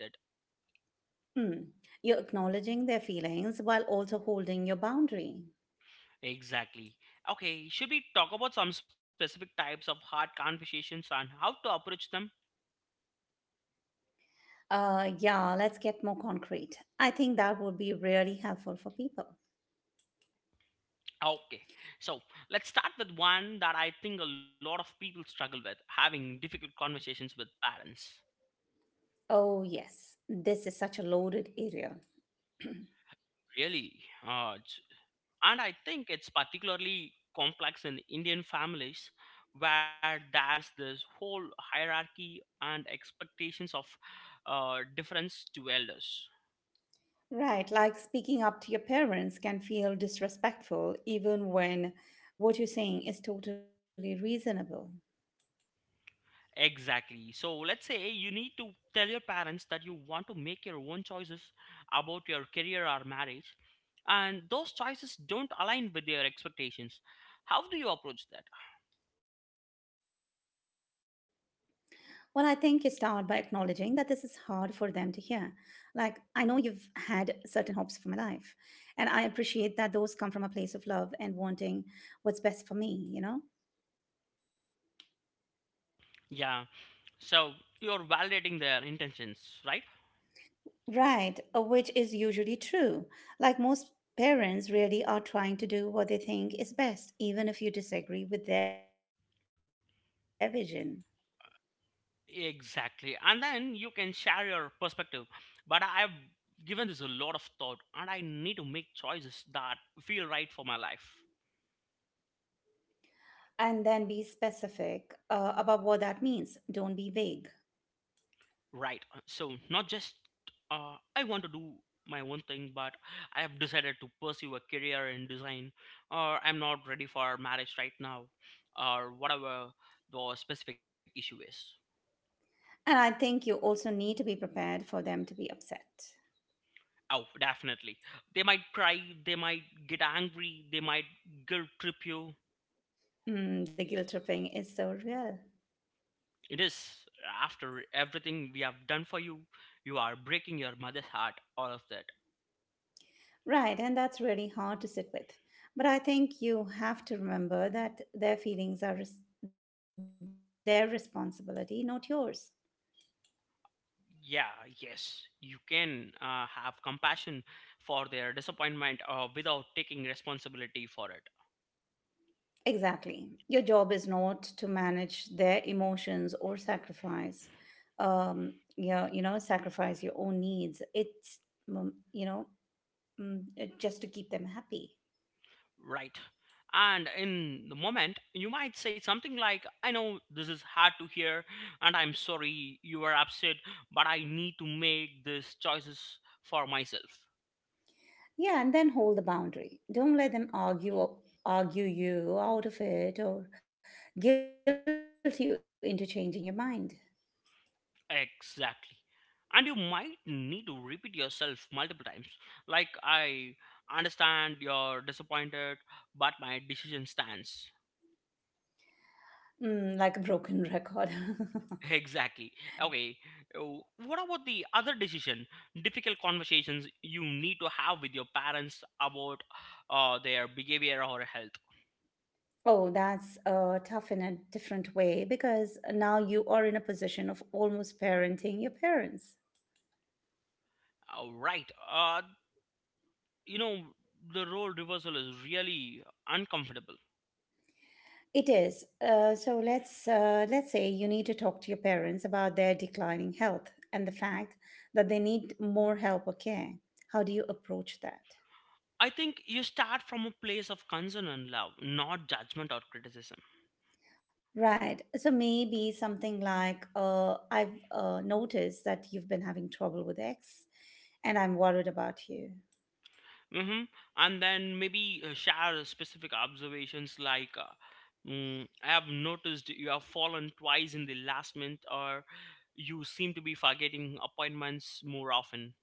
A: Mm. You're acknowledging their feelings while also holding your boundary.
B: Exactly. Okay, should we talk about some specific types of hard conversations and how to approach them?
A: Uh, yeah, let's get more concrete. I think that would be really helpful for people.
B: Okay, so let's start with one that I think a lot of people struggle with: having difficult conversations with parents.
A: Oh, yes, this is such a loaded area.
B: Really? Uh, it's- and I think it's particularly complex in Indian families where there's this whole hierarchy and expectations of uh, difference to elders.
A: Right, like speaking up to your parents can feel disrespectful even when what you're saying is totally reasonable.
B: Exactly. So let's say you need to tell your parents that you want to make your own choices about your career or marriage, and those choices don't align with their expectations. How do you approach that?
A: Well, I think you start by acknowledging that this is hard for them to hear. Like, I know you've had certain hopes for my life, and I appreciate that those come from a place of love and wanting what's best for me, you know?
B: Yeah. So you're validating their intentions, right?
A: Right, uh, which is usually true. Like, most parents really are trying to do what they think is best, even if you disagree with their vision.
B: Exactly. And then you can share your perspective. But I- I've given this a lot of thought, and I need to make choices that feel right for my life.
A: And then be specific uh, about what that means. Don't be vague.
B: Right. uh, So not just uh, I want to do my own thing, but I have decided to pursue a career in design, or I'm not ready for marriage right now, or whatever the specific issue is.
A: And I think you also need to be prepared for them to be upset.
B: Oh, definitely. They might cry, they might get angry, they might guilt trip you.
A: Mm, the guilt tripping is so real.
B: It is: after everything we have done for you, you are breaking your mother's heart, all of that.
A: Right, and that's really hard to sit with. But I think you have to remember that their feelings are res- their responsibility, not yours.
B: Yeah, yes, you can uh, have compassion for their disappointment uh, without taking responsibility for it,
A: Exactly. Your job is not to manage their emotions or sacrifice, um, you know, you know, sacrifice your own needs. It's, mm, you know, mm, uh, just to keep them happy.
B: right? And in the moment, you might say something like, I know this is hard to hear, and I'm sorry you were upset, but I need to make these choices for myself.
A: Yeah, and then hold the boundary. Don't let them argue argue you out of it or guilt you into changing your mind.
B: Exactly. And you might need to repeat yourself multiple times. Like, I understand you're disappointed, but my decision stands.
A: Mm, like a broken record.
B: Exactly. Okay. Oh, what about the other decision? Difficult conversations you need to have with your parents about uh, their behavior or health.
A: <laughs> Oh, that's uh, tough in a different way because now you are in a position of almost parenting your parents.
B: Uh, right. Uh, you know, the role reversal is really uncomfortable.
A: It is. Uh, so let's uh, let's say you need to talk to your parents about their declining health and the fact that they need more help or care. How do you approach that?
B: I think you start from a place of concern and love, not judgment or criticism.
A: Right. So maybe something like uh, I've uh, noticed that you've been having trouble with X and I'm worried about you.
B: Mm-hmm. And then maybe uh, share specific observations like uh, mm, I have noticed you have fallen twice in the last month, or you seem to be forgetting appointments more often.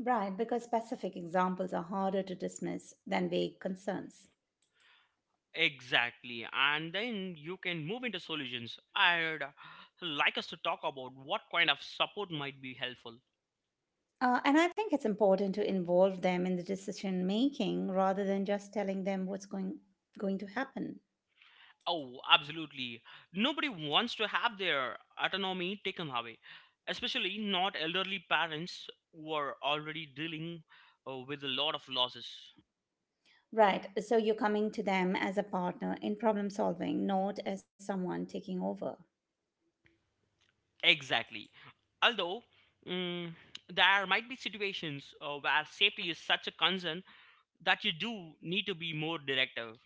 A: Right, because specific examples are harder to dismiss than vague concerns.
B: Exactly. And then you can move into solutions. I'd uh, like us to talk about what kind of support might be helpful.
A: Uh, and I think it's important to involve them in the decision making rather than just telling them what's going, going to happen.
B: Oh, absolutely. Nobody wants to have their autonomy taken away, especially not elderly parents who are already dealing uh, with a lot of losses.
A: Right, so you're coming to them as a partner in problem solving, not as someone taking over.
B: Exactly. Although, mm, there might be situations uh, where safety is such a concern that you do need to be more directive,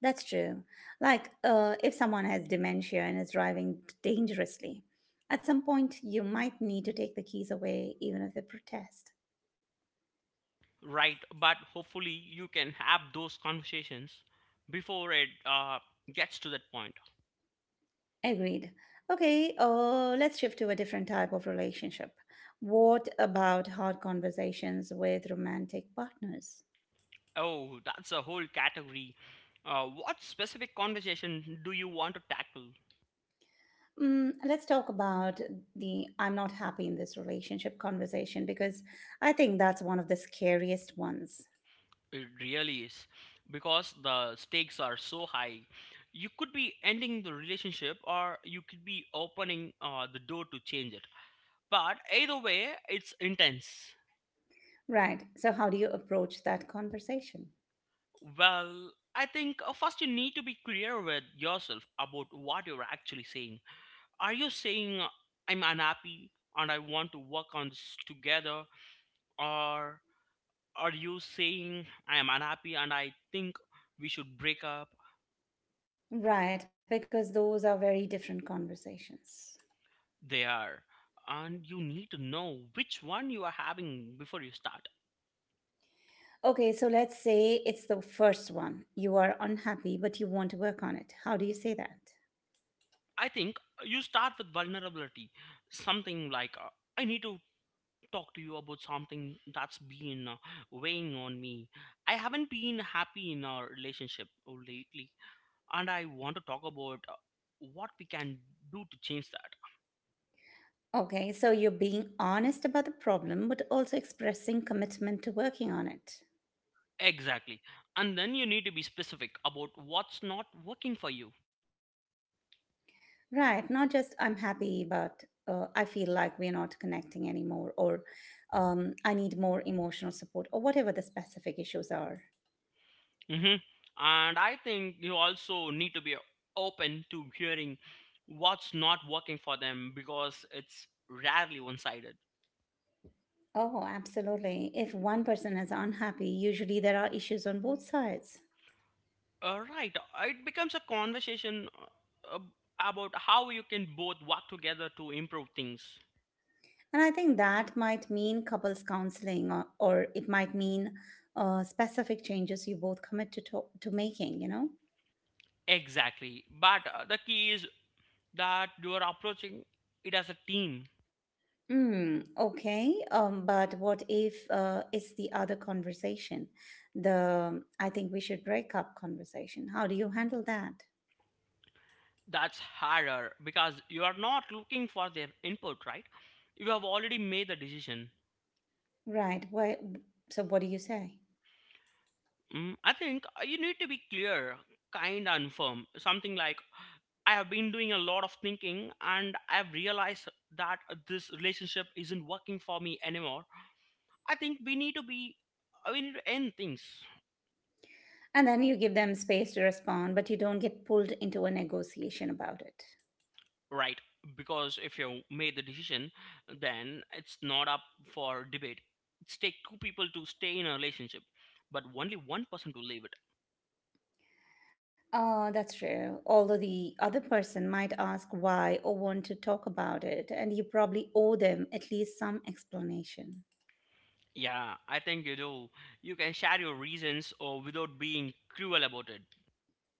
A: That's true. Like, uh, if someone has dementia and is driving dangerously, at some point you might need to take the keys away, even if they protest.
B: right? But hopefully, you can have those conversations before it uh, gets to that point.
A: Agreed. Okay, uh, let's shift to a different type of relationship. What about hard conversations with romantic partners?
B: Oh, that's a whole category. Uh, what specific conversation do you want to tackle?
A: Mm, let's talk about the I'm not happy in this relationship conversation because I think that's one of the scariest ones.
B: It really is. Because the stakes are so high. You could be ending the relationship or you could be opening uh, the door to change it. But either way, it's intense.
A: Right. So, how do you approach that conversation?
B: Well, I think uh, first you need to be clear with yourself about what you're actually saying. Are you saying, I'm unhappy and I want to work on this together? Or are you saying I am unhappy and I think we should break up?
A: Right, because those are very different conversations.
B: They are. And you need to know which one you are having before you start.
A: Okay, so let's say it's the first one. You are unhappy, but you want to work on it. How do you say that?
B: I think you start with vulnerability. Something like, uh, I need to talk to you about something that's been uh, weighing on me. I haven't been happy in our relationship lately. And I want to talk about uh, what we can do to change that.
A: Okay, so you're being honest about the problem, but also expressing commitment to working on it.
B: Exactly. And then you need to be specific about what's not working for you.
A: Right, not just I'm happy, but uh, I feel like we're not connecting anymore, or um, I need more emotional support, or whatever the specific issues are.
B: Hmm. And I think you also need to be open to hearing what's not working for them because it's rarely one sided.
A: Oh, absolutely. If one person is unhappy, usually there are issues on both sides.
B: Uh, right. Uh, it becomes a conversation uh, about how you can both work together to improve things.
A: And I think that might mean couples counseling, or, or it might mean uh, specific changes you both commit to, to, to making, you know?
B: Exactly. But uh, the key is that you are approaching it as a team.
A: Mm, okay. Um, but what if uh, it's the other conversation? The I think we should break up conversation. How do you handle that?
B: That's harder because you are not looking for their input, right? You have already made the decision.
A: Right. Why, so, what do you say?
B: Mm, I think uh, you need to be clear, kind, and firm. Something like, I have been doing a lot of thinking and I've realized that this relationship isn't working for me anymore. I think we need to be, uh, we need to end things.
A: And then you give them space to respond, but you don't get pulled into a negotiation about it.
B: Right. Because if you made the decision, then it's not up for debate. It's take two people to stay in a relationship, but only one person to leave it.
A: Oh, that's true. Although the other person might ask why or want to talk about it, and you probably owe them at least some explanation.
B: Yeah, I think you do. You can share your reasons or without being cruel about it.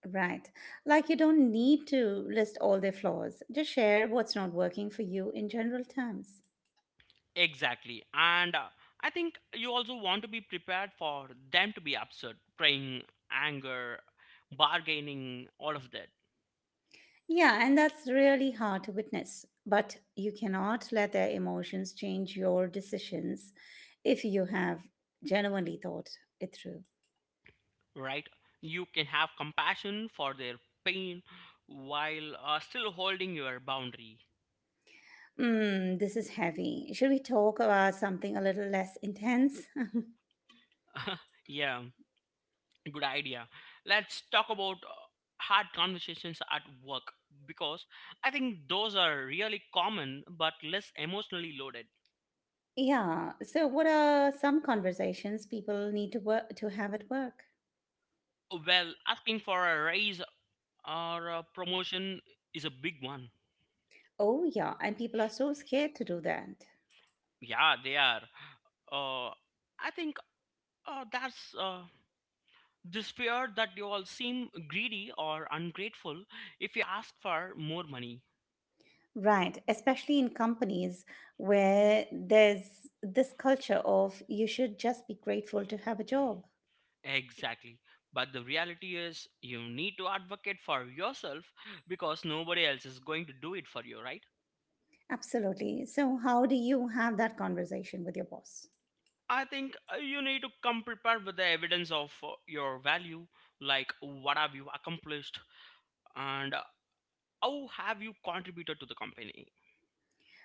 A: Right. Like you don't need to list all their flaws, just share what's not working for you in general terms.
B: Exactly. And uh, I think you also want to be prepared for them to be upset, praying, anger, bargaining, all of that,
A: Yeah, and that's really hard to witness, but you cannot let their emotions change your decisions if you have genuinely thought it through.
B: right? You can have compassion for their pain while uh, still holding your boundary.
A: Mm, this is heavy. Should we talk about something a little less intense?
B: <laughs> Yeah, good idea. Let's talk about uh, hard conversations at work because I think those are really common but less emotionally loaded.
A: Yeah. So, what are some conversations people need to work to have at work?
B: Well, asking for a raise Our uh, promotion is a big one.
A: Oh, yeah, and people are so scared to do that.
B: Yeah, they are. Uh, I think uh, that's uh, this fear that you all seem greedy or ungrateful if you ask for more money.
A: Right, especially in companies where there's this culture of you should just be grateful to have a job.
B: Exactly. But the reality is, you need to advocate for yourself because nobody else is going to do it for you, right?
A: Absolutely. So, how do you have that conversation with your boss?
B: I think uh, you need to come prepared with the evidence of uh, your value, like what have you accomplished and uh, how have you contributed to the company.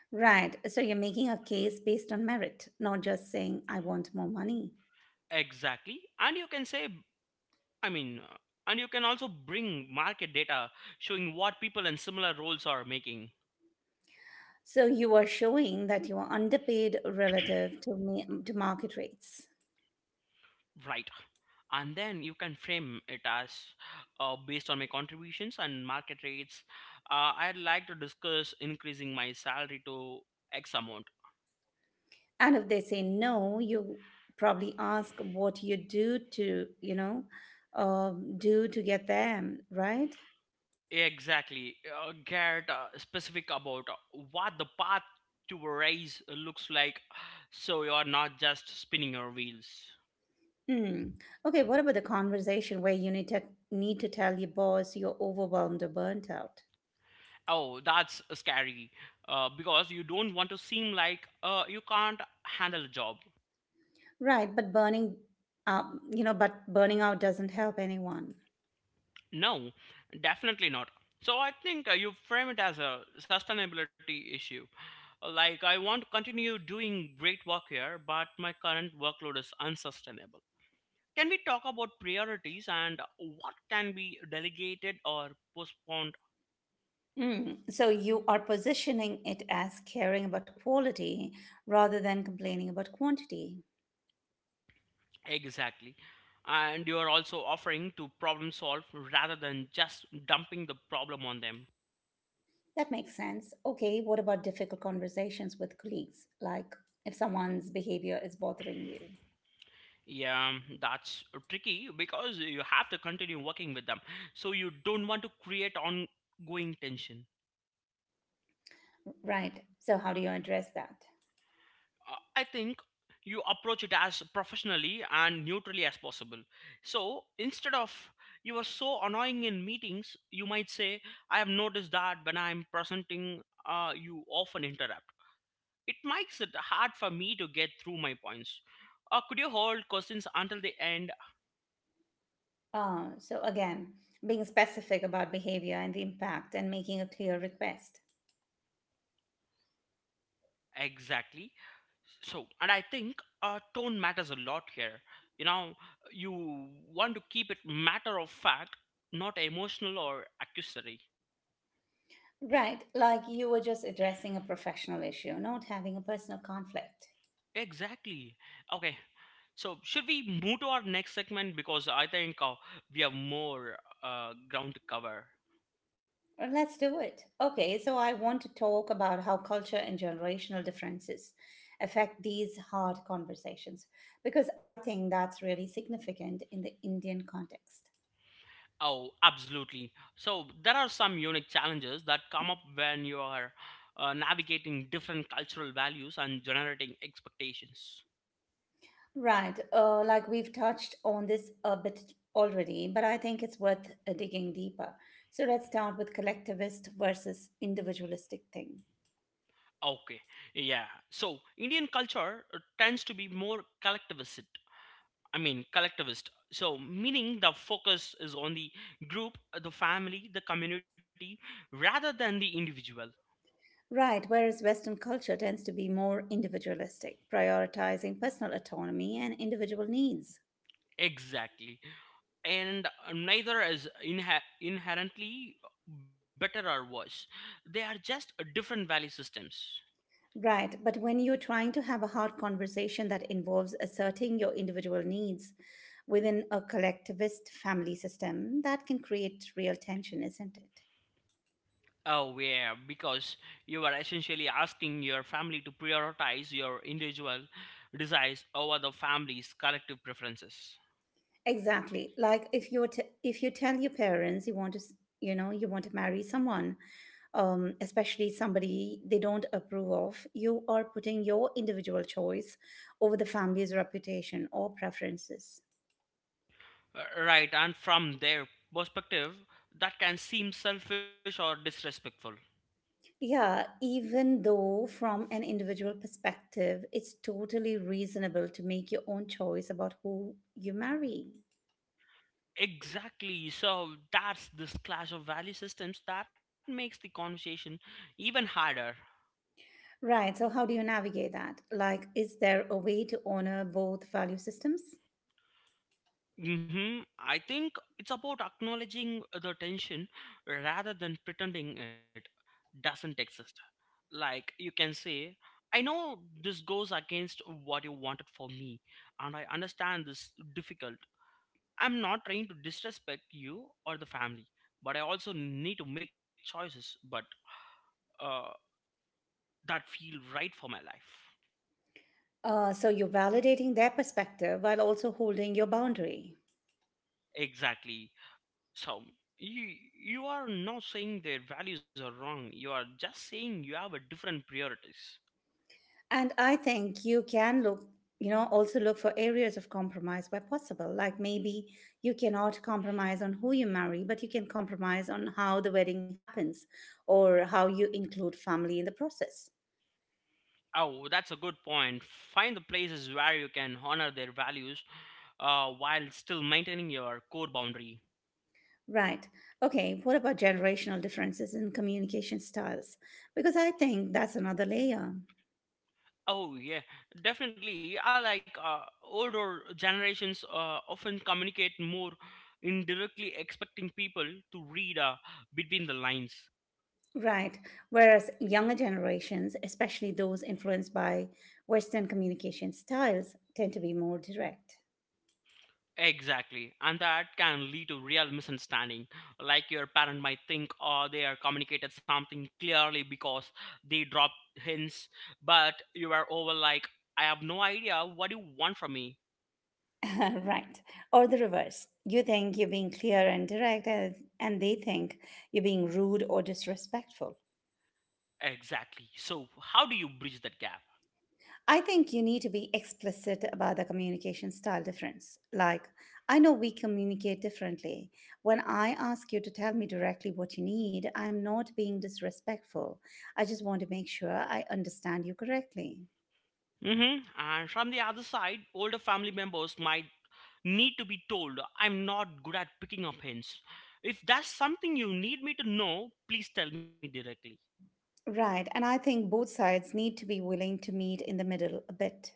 A: Right. So, you're making a case based on merit, not just saying, I want more money.
B: Exactly. And you can say, I mean, uh, and you can also bring market data showing what people in similar roles are making,
A: So, you are showing that you are underpaid relative to, ma- to market rates.
B: right? And then you can frame it as uh, based on my contributions and market rates. Uh, I'd like to discuss increasing my salary to X amount.
A: And if they say no, you probably ask what you do to you know um, do to get them right.
B: Exactly. Uh, get uh, specific about uh, what the path to a raise looks like so you are not just spinning your wheels.
A: Hmm. Okay, what about the conversation where you need to need to tell your boss you're overwhelmed or burnt out?
B: Oh, that's scary uh, because you don't want to seem like uh, you can't handle a job.
A: Right, but burning um, you know but burning out doesn't help anyone.
B: No, definitely not. So I think uh, you frame it as a sustainability issue. Like, I want to continue doing great work here, but my current workload is unsustainable. Can we talk about priorities and what can be delegated or postponed?
A: Hmm. So you are positioning it as caring about quality rather than complaining about quantity.
B: Exactly. And you are also offering to problem solve rather than just dumping the problem on them.
A: That makes sense. Okay, what about difficult conversations with colleagues? Like if someone's behavior is bothering you.
B: Yeah, that's tricky because you have to continue working with them. So you don't want to create ongoing tension.
A: Right. So, how do you address that?
B: Uh, I think you approach it as professionally and neutrally as possible. So instead of you are so annoying in meetings, you might say, I have noticed that when I'm presenting, uh, you often interrupt. It makes it hard for me to get through my points. Uh, could you hold questions until the end?
A: Uh, so, again, being specific about behavior and the impact and making a clear request.
B: Exactly. So, and I think uh, tone matters a lot here. You know, you want to keep it matter of fact, not emotional or accusatory.
A: Right. Like you were just addressing a professional issue, not having a personal conflict.
B: Exactly. Okay. So, should we move to our next segment? Because I think uh, we have more uh, ground to cover.
A: Well, let's do it. Okay, so I want to talk about how culture and generational differences affect these hard conversations because I think that's really significant in the Indian context.
B: Oh, absolutely. So, there are some unique challenges that come up when you are uh, navigating different cultural values and generating expectations.
A: Right, uh, like we've touched on this a bit already, but I think it's worth uh, digging deeper. So let's start with collectivist versus individualistic thing.
B: Okay, yeah. So Indian culture uh, tends to be more collectivist. I mean, collectivist. So meaning the focus is on the group, uh, the family, the community, rather than the individual.
A: Right, whereas Western culture tends to be more individualistic, prioritizing personal autonomy and individual needs.
B: Exactly, and uh, neither is inhe- inherently better or worse. They are just uh, different value systems.
A: Right. But when you're trying to have a hard conversation that involves asserting your individual needs within a collectivist family system, that can create real tension, isn't it?
B: Oh, yeah, because you are essentially asking your family to prioritize your individual desires over the family's collective preferences.
A: Exactly. Like if you're t- if you tell your parents you want to, s- you know, you want to marry someone, um, especially somebody they don't approve of, you are putting your individual choice over the family's reputation or preferences.
B: Uh, Right, and from their perspective, that can seem selfish or disrespectful.
A: Yeah, even though from an individual perspective, it's totally reasonable to make your own choice about who you marry.
B: Exactly, so that's this clash of value systems that makes the conversation even harder.
A: Right, so how do you navigate that? Like, is there a way to honor both value systems?
B: Hmm. I think it's about acknowledging the tension rather than pretending it doesn't exist. Like you can say, I know this goes against what you wanted for me, and I understand this difficult. I'm not trying to disrespect you or the family, but I also need to make choices, but uh, that feel right for my life.
A: Uh, so you're validating their perspective while also holding your boundary.
B: Exactly. So you you are not saying their values are wrong. You are just saying you have a different priorities.
A: And I think you can look, you know, also look for areas of compromise where possible. Like maybe you cannot compromise on who you marry, but you can compromise on how the wedding happens or how you include family in the process.
B: Oh, that's a good point. Find the places where you can honor their values uh, while still maintaining your core boundary.
A: Right. Okay. What about generational differences in communication styles? Because I think that's another layer.
B: Oh yeah, definitely. I like uh, older generations uh, often communicate more indirectly, expecting people to read uh, between the lines.
A: Right. Whereas younger generations, especially those influenced by Western communication styles, tend to be more direct.
B: Exactly, and that can lead to real misunderstanding. Like your parent might think, oh, they are communicated something clearly because they dropped hints, but you are over like, I have no idea what you want from me.
A: <laughs> Right. Or the reverse. You think you're being clear and direct, and and they think you're being rude or disrespectful.
B: Exactly. So, how do you bridge that gap?
A: I think you need to be explicit about the communication style difference. Like, I know we communicate differently. When I ask you to tell me directly what you need, I'm not being disrespectful. I just want to make sure I understand you correctly.
B: Hmm. And from the other side, older family members might need to be told, I'm not good at picking up hints. If that's something you need me to know, please tell me directly.
A: Right. And I think both sides need to be willing to meet in the middle a bit.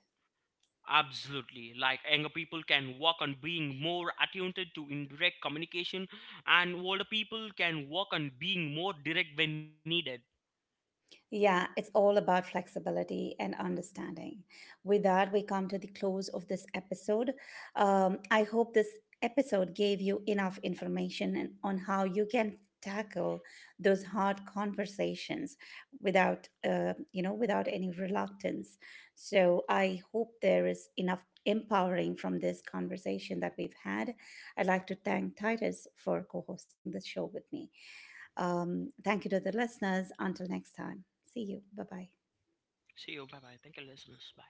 B: Absolutely. Like younger people can work on being more attuned to indirect communication, and older people can work on being more direct when needed.
A: Yeah, it's all about flexibility and understanding. With that, we come to the close of this episode. Um, I hope this episode gave you enough information and- on how you can tackle those hard conversations without, uh, you know, without any reluctance. So I hope there is enough empowering from this conversation that we've had. I'd like to thank Titus for co-hosting this show with me. Um, thank you to the listeners. Until next time, see you. Bye bye.
B: See you. Bye bye. Thank you, listeners. Bye.